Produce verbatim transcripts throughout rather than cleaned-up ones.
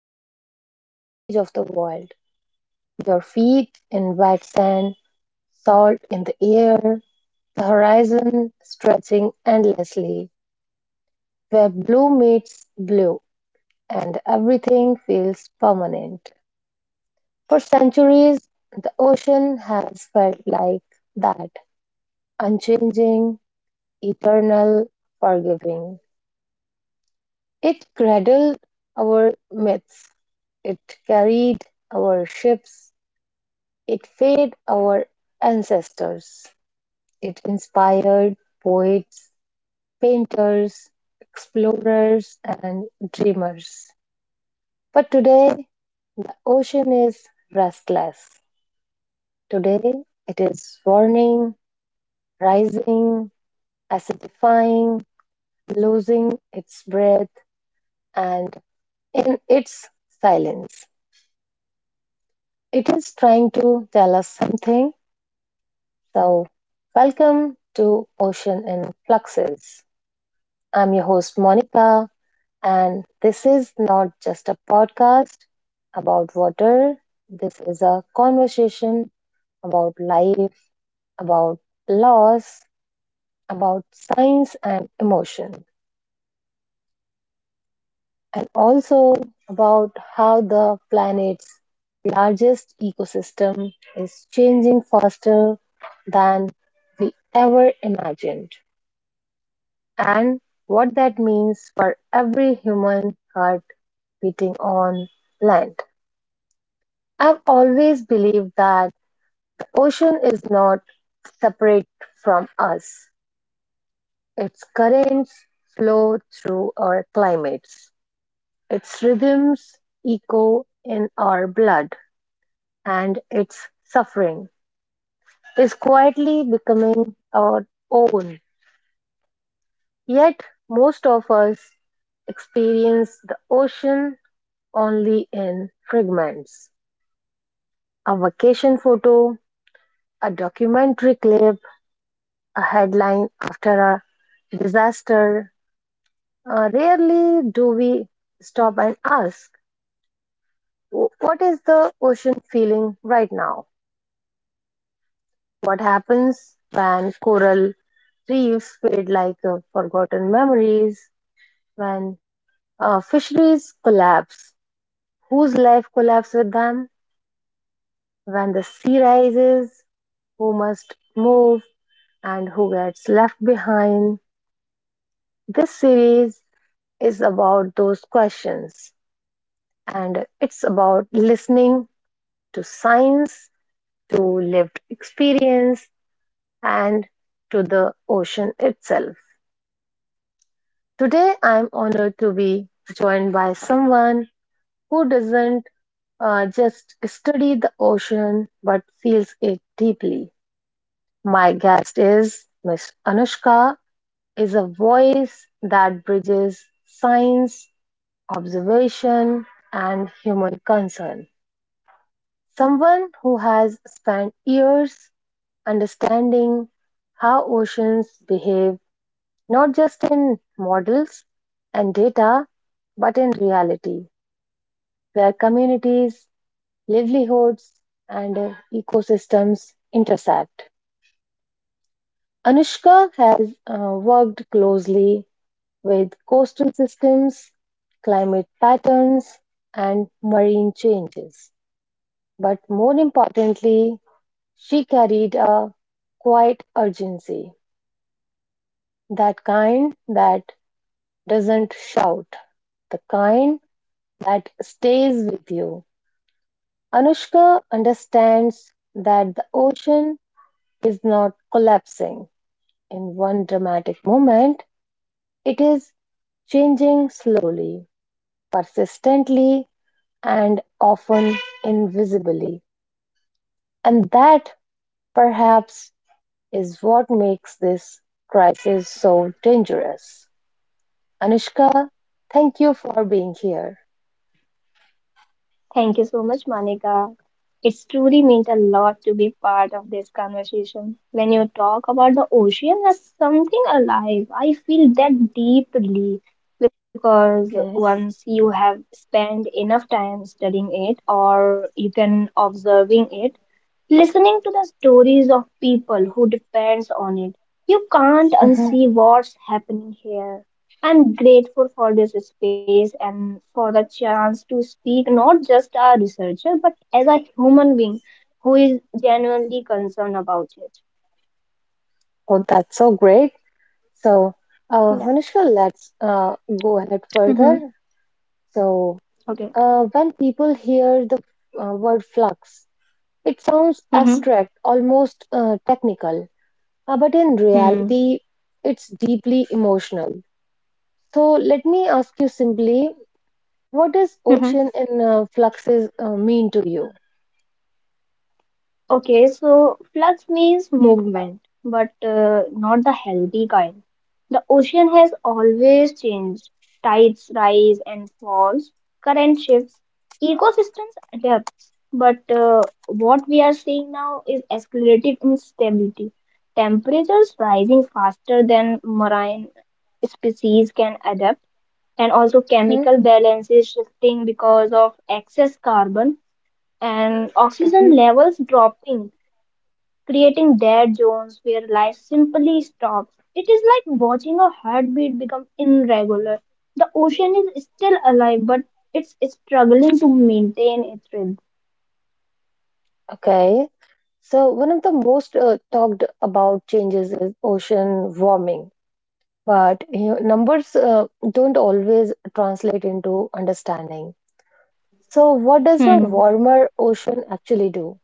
standing at the edge of the world, your feet in wet sand, salt in the air, the horizon stretching endlessly, where blue meets blue, and everything feels permanent. For centuries, the ocean has felt like that unchanging, eternal, forgiving. It cradled our myths, it carried our ships, it fed our ancestors, it inspired poets, painters, explorers, and dreamers. But today, the ocean is restless. Today, it is warning, rising, acidifying, losing its breath, and in its silence. It is trying to tell us something. So, welcome to Ocean in Fluxes. I'm your host, Monica, and this is not just a podcast about water. This is a conversation about life, about loss, about science and emotion. And also about how the planet's largest ecosystem is changing faster than we ever imagined, and what that means for every human heart beating on land. I've always believed that the ocean is not separate from us. Its currents flow through our climates, its rhythms echo in our blood, and its suffering is quietly becoming our own. Yet, most of us experience the ocean only in fragments. A vacation photo, a documentary clip, a headline after a disaster. Uh, rarely do we stop and ask, what is the ocean feeling right now? What happens when coral reefs fade like uh, forgotten memories? When uh, fisheries collapse? Whose life collapses with them? When the sea rises? Who must move and who gets left behind? This series is about those questions, and it's about listening to science, to lived experience, and to the ocean itself. Today, I'm honored to be joined by someone who doesn't uh, just study the ocean but feels it deeply. My guest is Miss Anushka, is a voice that bridges science, observation, and human concern. Someone who has spent years understanding how oceans behave, not just in models and data but in reality, where communities, livelihoods, and uh, ecosystems intersect. Anushka has uh, worked closely with coastal systems, climate patterns, and marine changes. But more importantly, she carried a quiet urgency, that kind that doesn't shout, the kind that stays with you. Anushka understands that the ocean is not collapsing in one dramatic moment, it is changing slowly, persistently, and often invisibly. And that perhaps is what makes this crisis so dangerous. Anushka, thank you for being here. Thank you so much, Monica. It's truly meant a lot to be part of this conversation. When you talk about the ocean as something alive, I feel that deeply because Okay. once you have spent enough time studying it or you can observing it, listening to the stories of people who depends on it, you can't Mhm. unsee what's happening here. I'm grateful for this space and for the chance to speak not just as a researcher but as a human being who is genuinely concerned about it. Oh, that's so great. So, uh, Yeah. Anushka, let's uh, go ahead Mm-hmm. further. So, Okay. uh, when people hear the uh, word flux, it sounds Mm-hmm. abstract, almost uh, technical, uh, but in Mm-hmm. reality, it's deeply emotional. So let me ask you simply, what does Mm-hmm. ocean in uh, fluxes uh, mean to you? Okay, so flux means movement, but uh, not the healthy kind. The ocean has always changed. Tides rise and falls, current shifts, ecosystems adapt. But uh, what we are seeing now is escalated instability. Temperatures rising faster than marine species can adapt, and also Hmm? chemical balance is shifting because of excess carbon and oxygen Mhm. levels dropping creating dead zones where life simply stops. It is like watching a heartbeat become irregular. The ocean is still alive, but it's struggling to maintain its rhythm. Okay. So one of the most uh, talked about changes is ocean warming, but you know, numbers uh, don't always translate into understanding. So what does a Hmm. warmer ocean actually do?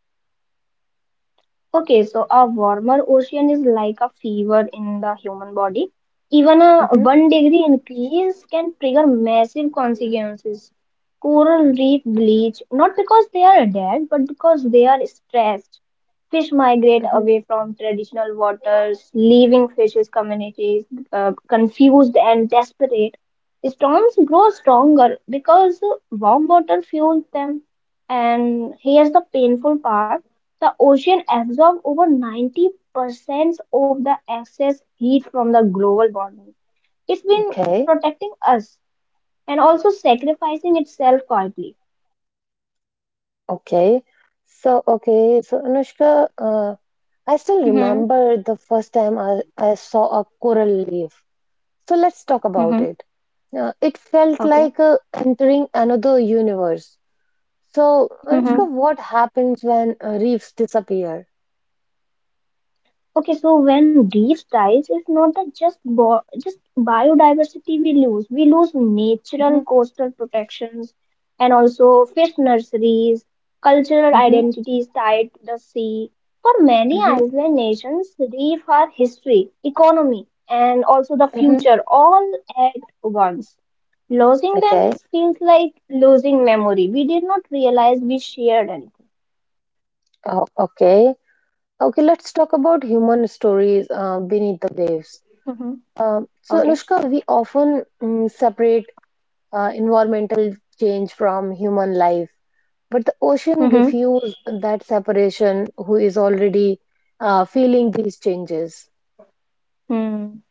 Okay, so a warmer ocean is like a fever in the human body. Even a Mhm, one degree increase can trigger massive consequences. Coral reef bleach, not because they are dead, but because they are stressed. Fish migrate mhm. away from traditional waters, leaving fishes communities uh, confused and desperate. Storms grow stronger because warm water fuels them. And here's the painful part. The ocean absorbs over ninety percent of the excess heat from the global warming. It's been Okay. protecting us and also sacrificing itself quietly. Okay. So, okay. So, Anushka, uh, I still Mm-hmm. remember the first time I, I saw a coral leaf. So, let's talk about Mm-hmm. it. Uh, it felt like uh, entering another universe. So, Okay. Anushka, what happens when uh, reefs disappear? Okay, so when reef dies, it's not that just bo- just biodiversity we lose. We lose natural Hmm. coastal protections and also fish nurseries, cultural Hmm. identities tied to the sea. For many Hmm. island nations, reef are history, economy, and also the Hmm. future all at once. Losing them Okay. is feels like losing memory. We did not realize we shared anything. Oh, okay. Okay, let's talk about human stories uh, beneath the waves. Mm-hmm. Um, so, Okay. Anushka, we often mm, separate uh, environmental change from human life. But the ocean Mm-hmm. refused that separation. Who is already uh, feeling these changes? Hmm.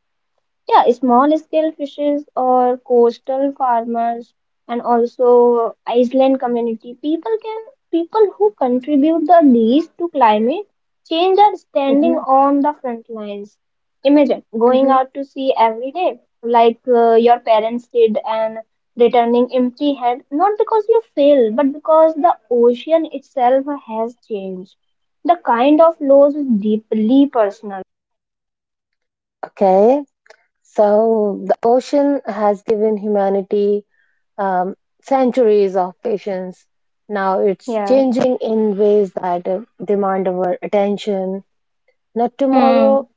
Yeah, small scale fishes or coastal farmers and also island community. People can people who contribute the least to climate change are standing Mm-hmm, on the front lines. Imagine going mm-hmm. out to sea every day like uh, your parents did and returning empty hand not because you fail but because the ocean itself has changed. The kind of loss is deeply personal. Okay, so the ocean has given humanity um, centuries of patience. Now it's Yeah. changing in ways that uh, demand our attention. Not Hmm. tomorrow,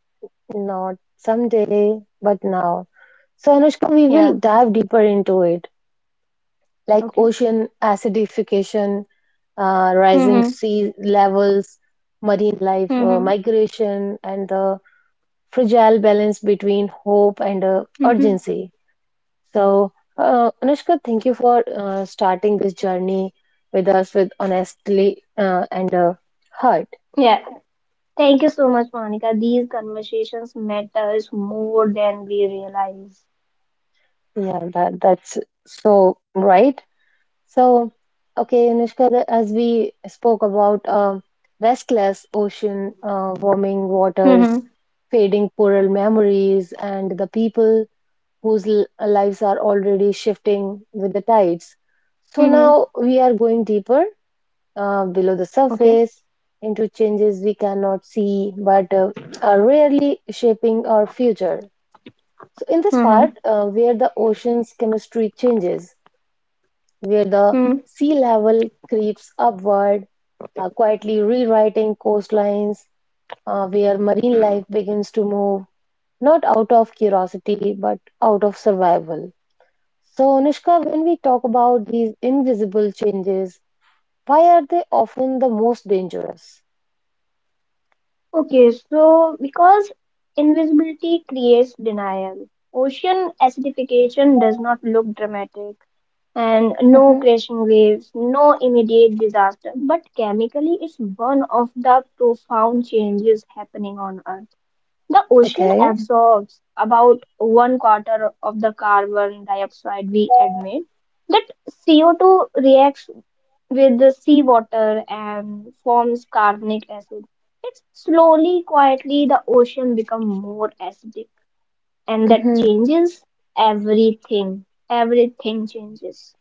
not someday, but now. So, Anushka, we will Yeah. dive deeper into it. Like Okay. ocean acidification, uh, rising Mm-hmm. sea levels, marine life uh, Mm-hmm. migration, and the fragile balance between hope and uh, Mm-hmm. urgency. So, uh, Anushka, thank you for uh, starting this journey with us with honestly uh, and uh, heart. Yeah. Thank you so much, Monica. These conversations matters more than we realize. Yeah, that that's so right. So, okay, Anushka, the- as we spoke about uh, restless ocean, uh, warming waters, Mm-hmm. fading coral memories, and the people whose l- uh, lives are already shifting with the tides. So Mm-hmm. now we are going deeper, uh, below the Okay. surface, into changes we cannot see but uh, are rarely shaping our future. So, in this Mm-hmm. part, uh, where the ocean's chemistry changes, where the Mm-hmm. sea level creeps upward, uh, quietly rewriting coastlines, uh, where marine life begins to move, not out of curiosity, but out of survival. So, Anushka, when we talk about these invisible changes, why are they often the most dangerous? Okay, so because invisibility creates denial. Ocean acidification does not look dramatic and no Hmm. crashing waves, no immediate disaster, but chemically it's one of the profound changes happening on Earth. The ocean Okay. absorbs about one quarter of the carbon dioxide we emit. That C O two reacts with the seawater and forms carbonic acid. It's slowly, quietly, the ocean becomes more acidic, and that Hmm. changes everything. Everything changes.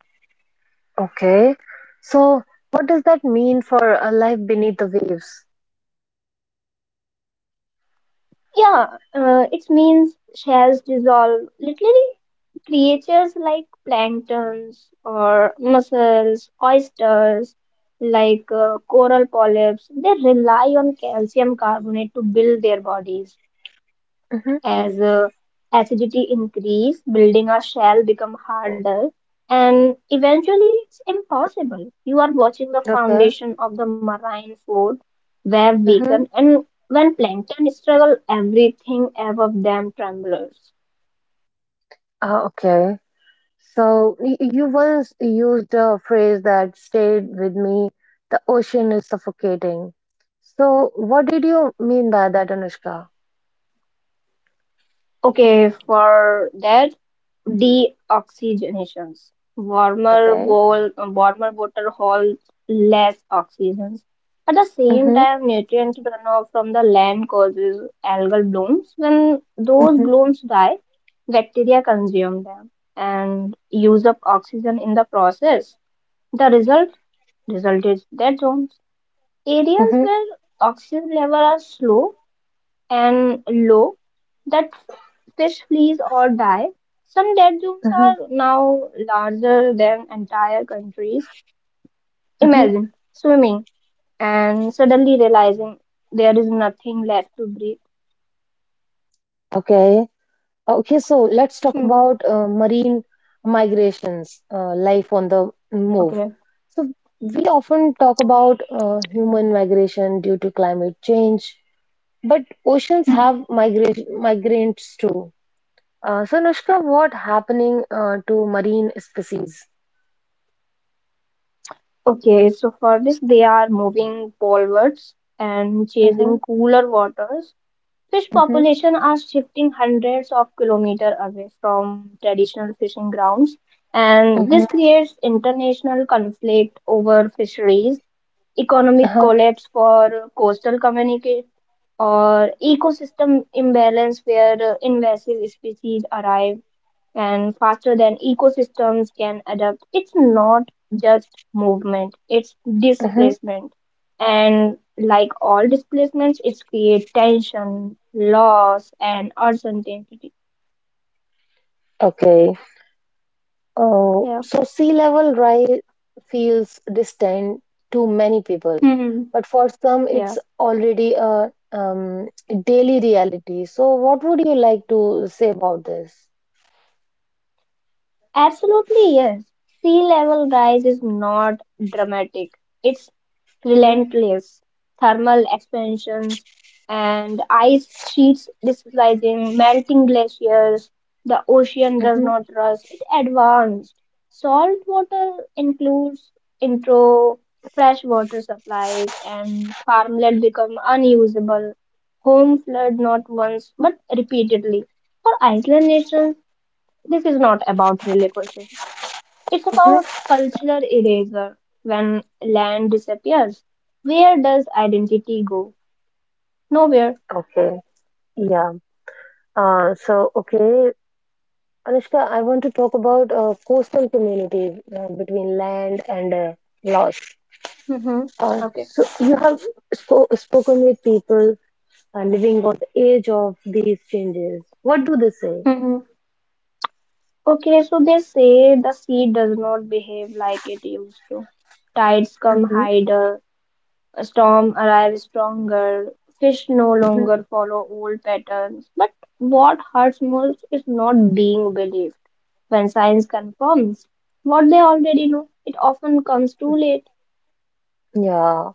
Okay. So, what does that mean for a life beneath the waves? Yeah, uh, it means shells dissolve literally. Creatures like planktons or mussels, oysters, like uh, coral polyps, they rely on calcium carbonate to build their bodies. Hmm. As uh, acidity increase, building a shell become harder, and eventually it's impossible. You are watching the Okay. foundation of the marine food web Hmm. weaken, and when plankton struggle, everything above them trembles. Ah, okay. So y- you once used a phrase that stayed with me, the ocean is suffocating. So what did you mean by that, Anushka? Okay, for that. Deoxygenations. Warmer, Okay. Wol- warmer water holds less oxygen. At the same Mm-hmm, time, nutrient runoff from the land causes algal blooms. When those mm-hmm, blooms die, bacteria consume them and use up oxygen in the process. The result Result is dead zones. Areas mm-hmm, where oxygen levels are slow and low that fish flees or die. Some dead zones mm-hmm, are now larger than entire countries. mm-hmm. Imagine swimming and suddenly realizing there is nothing left to breathe. Okay. Okay, so let's talk Hmm. about uh, marine migrations, uh, life on the move. Okay. So we often talk about uh, human migration due to climate change, but oceans Mm-hmm. have migra migrants too. Uh, so, Anushka, what happening uh, to marine species? Okay, so for this, they are moving polwards and Mm-hmm, chasing cooler waters. Fish mm-hmm, population are shifting hundreds of kilometers away from traditional fishing grounds, and mm-hmm, this creates international conflict over fisheries, economic uh-huh, collapse for coastal communities, or ecosystem imbalance where uh, invasive species arrive and faster than ecosystems can adapt. It's not just movement, it's mm-hmm. displacement. And like all displacements, it's create tension, loss, and uncertainty. Okay. Oh, Yeah. so sea level rise feels distant to many people, Hmm. but for some, Yeah, it's already a um, daily reality. So, what would you like to say about this? absolutely yes. Sea level rise is not dramatic. It's Mm-hmm, relentless thermal expansions and ice sheets displacing melting glaciers. The ocean does mm-hmm, not rust, it advanced. Salt water includes intro fresh water supplies and farmland become unusable. Home flood not once but repeatedly. For Iceland nations, this is not about relocation. It's about mm-hmm. cultural erasure. When land disappears, where does identity go? Nowhere. Okay, yeah. Uh, so, okay, Anushka, I want to talk about uh, coastal communities uh, between land and uh, law. Hmm. Uh, Okay. so you have spo- spoken with people uh, living on the edge of these changes. What do they say? Hmm. Okay, so they say the sea does not behave like it used to. Tides come Hmm. higher, a storm arrives stronger, fish no Hmm. longer follow old patterns. But what hurts most is not being believed. When science confirms what they already know, it often comes too late. Yeah.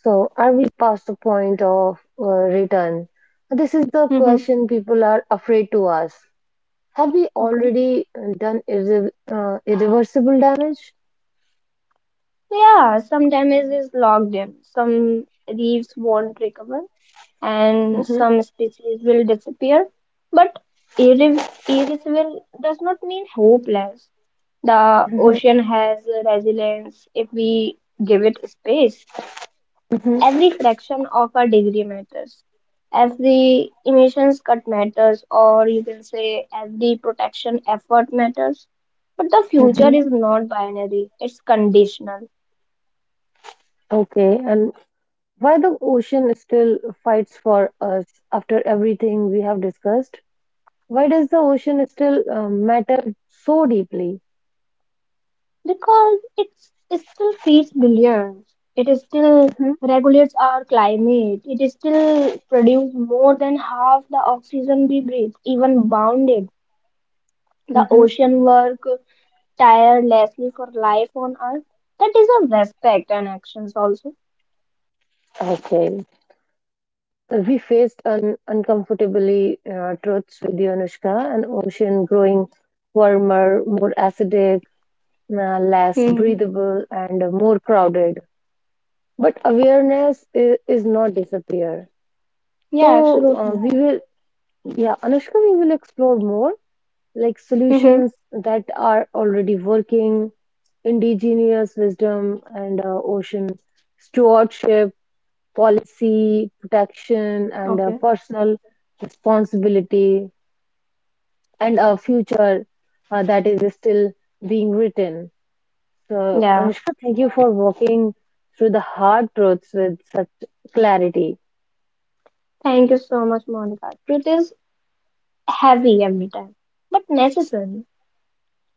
So are we past the point of uh, return? This is the Hmm. question people are afraid to ask. Have we Okay. already uh, done irre- uh, irreversible damage? Yeah, some damage is logged in, some reefs won't recover, and Hmm. some species will disappear. But irre- irreversible does not mean hopeless. The Hmm. ocean has resilience if we give it space. Hmm. Every fraction of a degree matters. Every emissions cut matters, or you can say every protection effort matters. But the future Hmm. is not binary, it's conditional. Okay. And why the ocean still fights for us after everything we have discussed? Why does the ocean still uh, matter so deeply? because it's, it still feeds billions. It is still Hmm. regulates our climate. It is still produces more than half the oxygen we breathe, even bounded. The Hmm. ocean work tirelessly for life on Earth. That is a respect and actions also. Okay. We faced an uncomfortably uh, truths with you, Anushka. An ocean growing warmer, more acidic, uh, less Hmm. breathable, and uh, more crowded. But awareness is, is not disappear. Yeah, So uh, absolutely. we will, yeah, Anushka, we will explore more, like Hmm. solutions that are already working, indigenous wisdom and uh, ocean stewardship, policy, protection, and uh, Okay. personal responsibility, and a future uh, that is still being written. So, Yeah. Anushka, thank you for walking through the hard truths with such clarity. Thank you so much, Monica. Truth is heavy every time, but necessary.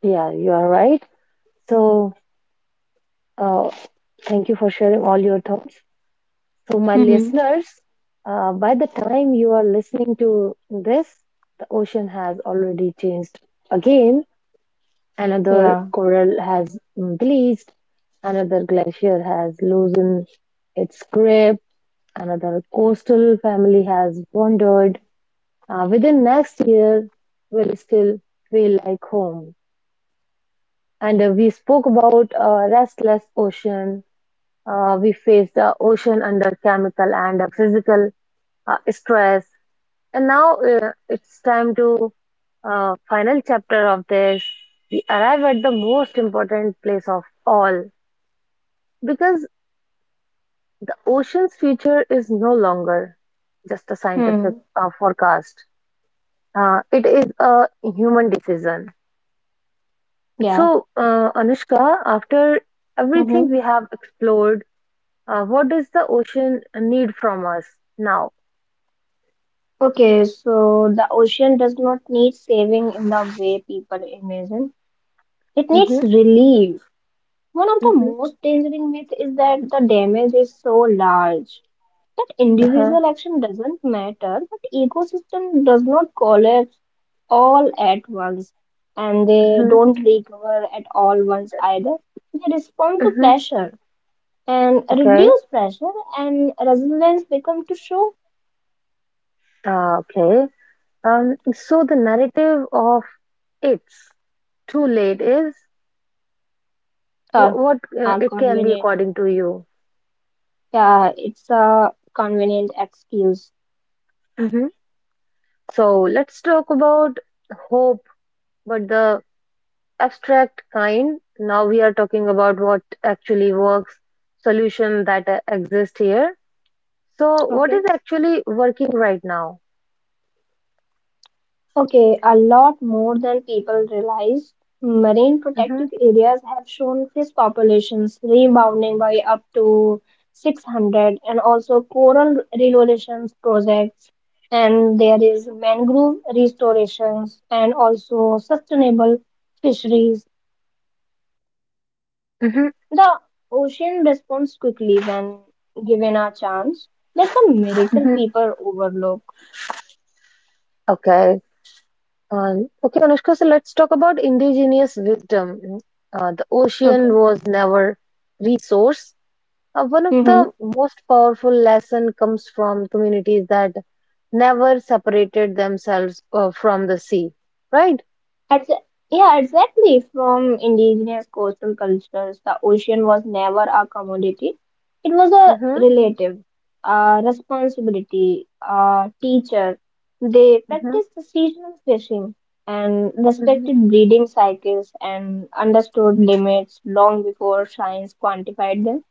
Yeah, you are right. So, uh, thank you for sharing all your thoughts. So, my Hmm. listeners, uh, by the time you are listening to this, the ocean has already changed again. Another Yeah. coral has bleached, another glacier has loosened its grip, another coastal family has wandered. Uh, within next year, will still feel like home. And uh, we spoke about uh, restless ocean. Uh, we faced the ocean under chemical and uh, physical uh, stress. And now uh, it's time to uh, final chapter of this. We arrive at the most important place of all, because the ocean's future is no longer just a scientific Hmm. uh, forecast. Uh, it is a human decision. Yeah. So, uh, Anushka, after Hmm. everything we have explored, uh, what does the ocean need from us now? Okay, so the ocean does not need saving in the way people imagine. It Mm-hmm, needs relief. One of the mm-hmm, most dangerous myths is that the damage is so large that uh-huh, individual action doesn't matter, but ecosystem does not collapse all at once, and they mm-hmm, don't recover at all once either. They respond to mm-hmm. pressure, and Okay. reduce pressure and resilience become to show Uh, okay. Um, so the narrative of it's too late is wh- tough what uh, are it can be, convenient. according to you. Yeah, it's a convenient excuse. Hmm. So let's talk about hope, but the abstract kind. Now we are talking about what actually works, solution that uh, exist here. So what Okay. is actually working right now? Okay, a lot more than people realize. Marine Hmm. protected areas have shown fish populations rebounding by up to six hundred, and also coral relocations projects, and there is mangrove restorations, and also sustainable fisheries. Hmm. The ocean responds quickly when given a chance. That's a miracle Hmm. people overlook. Okay. Um, okay, Anushka, so let's talk about indigenous wisdom. Uh, the ocean Okay. was never resource. Uh, one of the most powerful lesson comes from communities that never separated themselves uh, from the sea, right? Ex- yeah, exactly. From indigenous coastal cultures, the ocean was never a commodity. It was a Mm-hmm, relative, a responsibility, a teacher. They mm-hmm, practiced the seasonal fishing and mm-hmm. respected breeding cycles and understood limits long before science quantified them.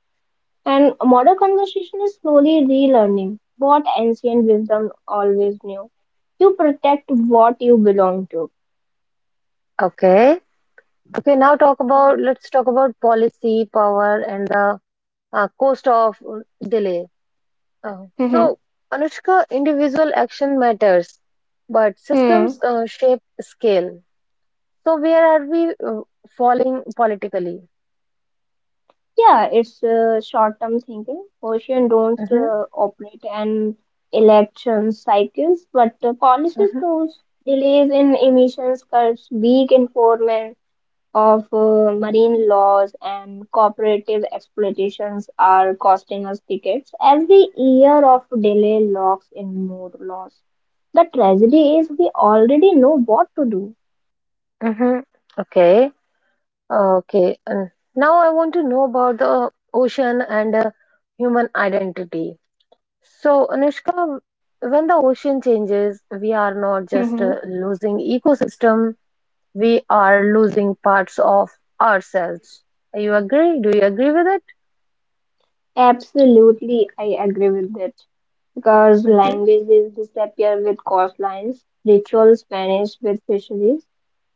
And modern conversation is slowly relearning what ancient wisdom always knew. You protect what you belong to. Okay. Okay, now talk about let's talk about policy, power, and the uh, cost of uh, delay. Uh, so, Anushka, individual action matters, but systems Hmm. uh, shape scale. So, where are we uh, falling politically? Yeah, it's uh, short-term thinking. Ocean don't Mm-hmm, uh, operate an election cycles, but uh, policies mm-hmm, do. Delays in emissions cuts, weak enforcement of uh, marine laws, and cooperative exploitations are costing us tickets. Every year of delay locks in more loss. The tragedy is we already know what to do. mm-hmm. Okay. Okay, and now I want to know about the ocean and uh, human identity. So, Anushka, when the ocean changes, we are not just uh, Mhm. losing ecosystem, we are losing parts of ourselves. You agree? Do you agree with it? Absolutely, I agree with that, because languages disappear with coastlines, rituals vanish with fisheries,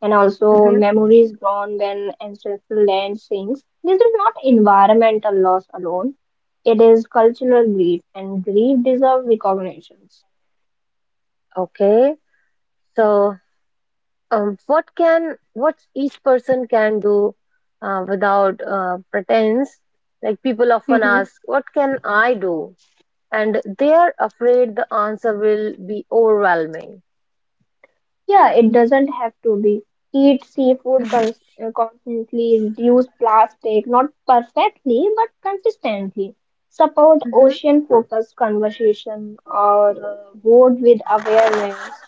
and Hmm. also Hmm. memories gone when ancestral land sinks. This is not environmental loss alone, it is cultural grief, and grief deserves recognition. Okay. So, um, what can what each person can do uh, without uh, pretense? Like people often ask, what can I do? And they are afraid the answer will be overwhelming. Yeah, it doesn't have to be. Eat seafood Mm-hmm. cons uh, constantly, reduce plastic, not perfectly, but consistently. Support Mm-hmm. ocean-focused conversation or uh, vote with awareness,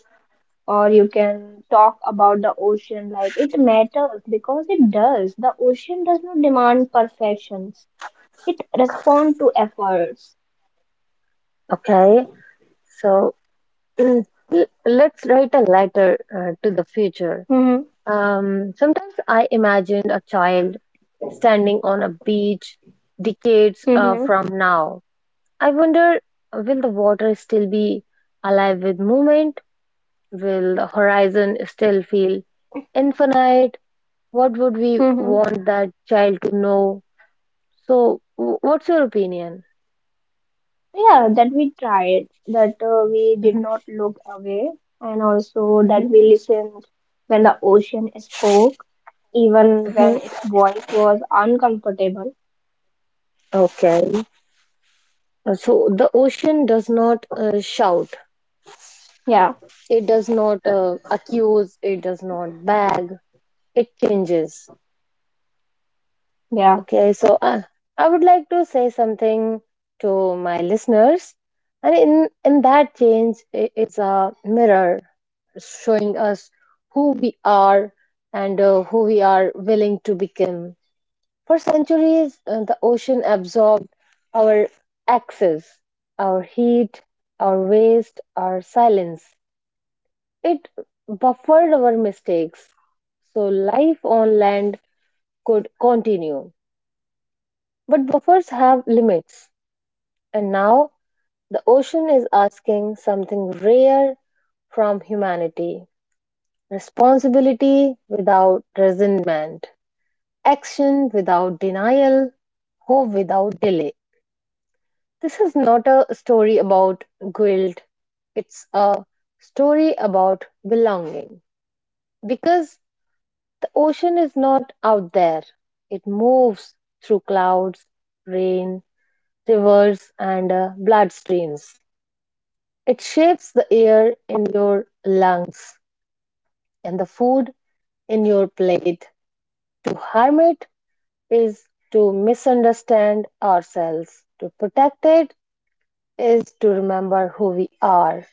or you can talk about the ocean like it matters because it does. The ocean does not demand perfections. It responds to efforts. Okay, so l- let's write a letter uh, to the future. Hmm. Um, sometimes I imagine a child standing on a beach decades uh, Hmm. from now. I wonder, will the water still be alive with movement? Will the horizon still feel infinite? What would we Hmm. want that child to know? So, w- what's your opinion? Yeah, that we tried, that uh, we did Hmm. not look away, and also that Hmm. we listened when the ocean spoke, even when Hmm. its voice was uncomfortable. Okay. Uh, So, the ocean does not uh, shout, Yeah, it does not uh, accuse, it does not bag, it changes. yeah, Okay, so uh, I would like to say something to my listeners, and in, in that change, i- it's a mirror showing us who we are and uh, who we are willing to become. For centuries, uh, the ocean absorbed our axis, our heat, our waste, our silence. It buffered our mistakes so life on land could continue. But buffers have limits, and now the ocean is asking something rare from humanity: responsibility without resentment, action without denial, hope without delay. This is not a story about guilt. It's a story about belonging. Because the ocean is not out there, it moves through clouds, rain, rivers, and uh, bloodstreams. It shapes the air in your lungs and the food in your plate. To harm it is to misunderstand ourselves; to protect it is to remember who we are.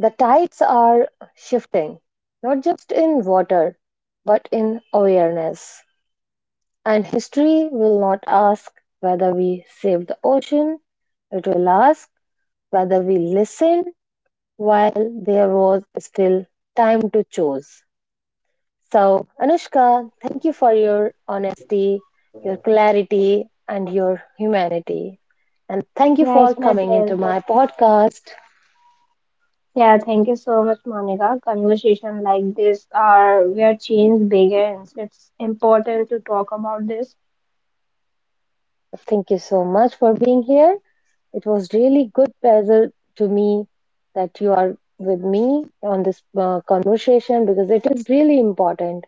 The tides are shifting, not just in water, but in awareness. And history will not ask whether we saved the ocean, it will ask whether we listened while there was still time to choose. So, Anushka, thank you for your honesty, your clarity, and your humanity. And thank you yeah, for it's my coming into pleasure. my podcast. Yeah, thank you so much, Monica. Conversation like this are where change begins. It's important to talk about this. Thank you so much for being here. It was really good pleasure to me that you are with me on this uh, conversation, because it is really important.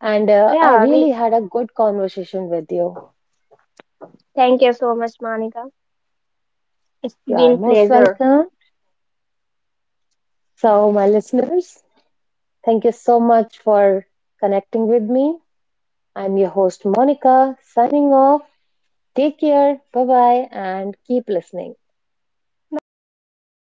And uh, I Yeah, I mean, really had a good conversation with you. thank you so much, Monica. It's You are been most pleasure. welcome. So, my listeners, thank you so much for connecting with me. I'm your host, Monica, signing off. Take care. Bye bye, and keep listening. Bye bye.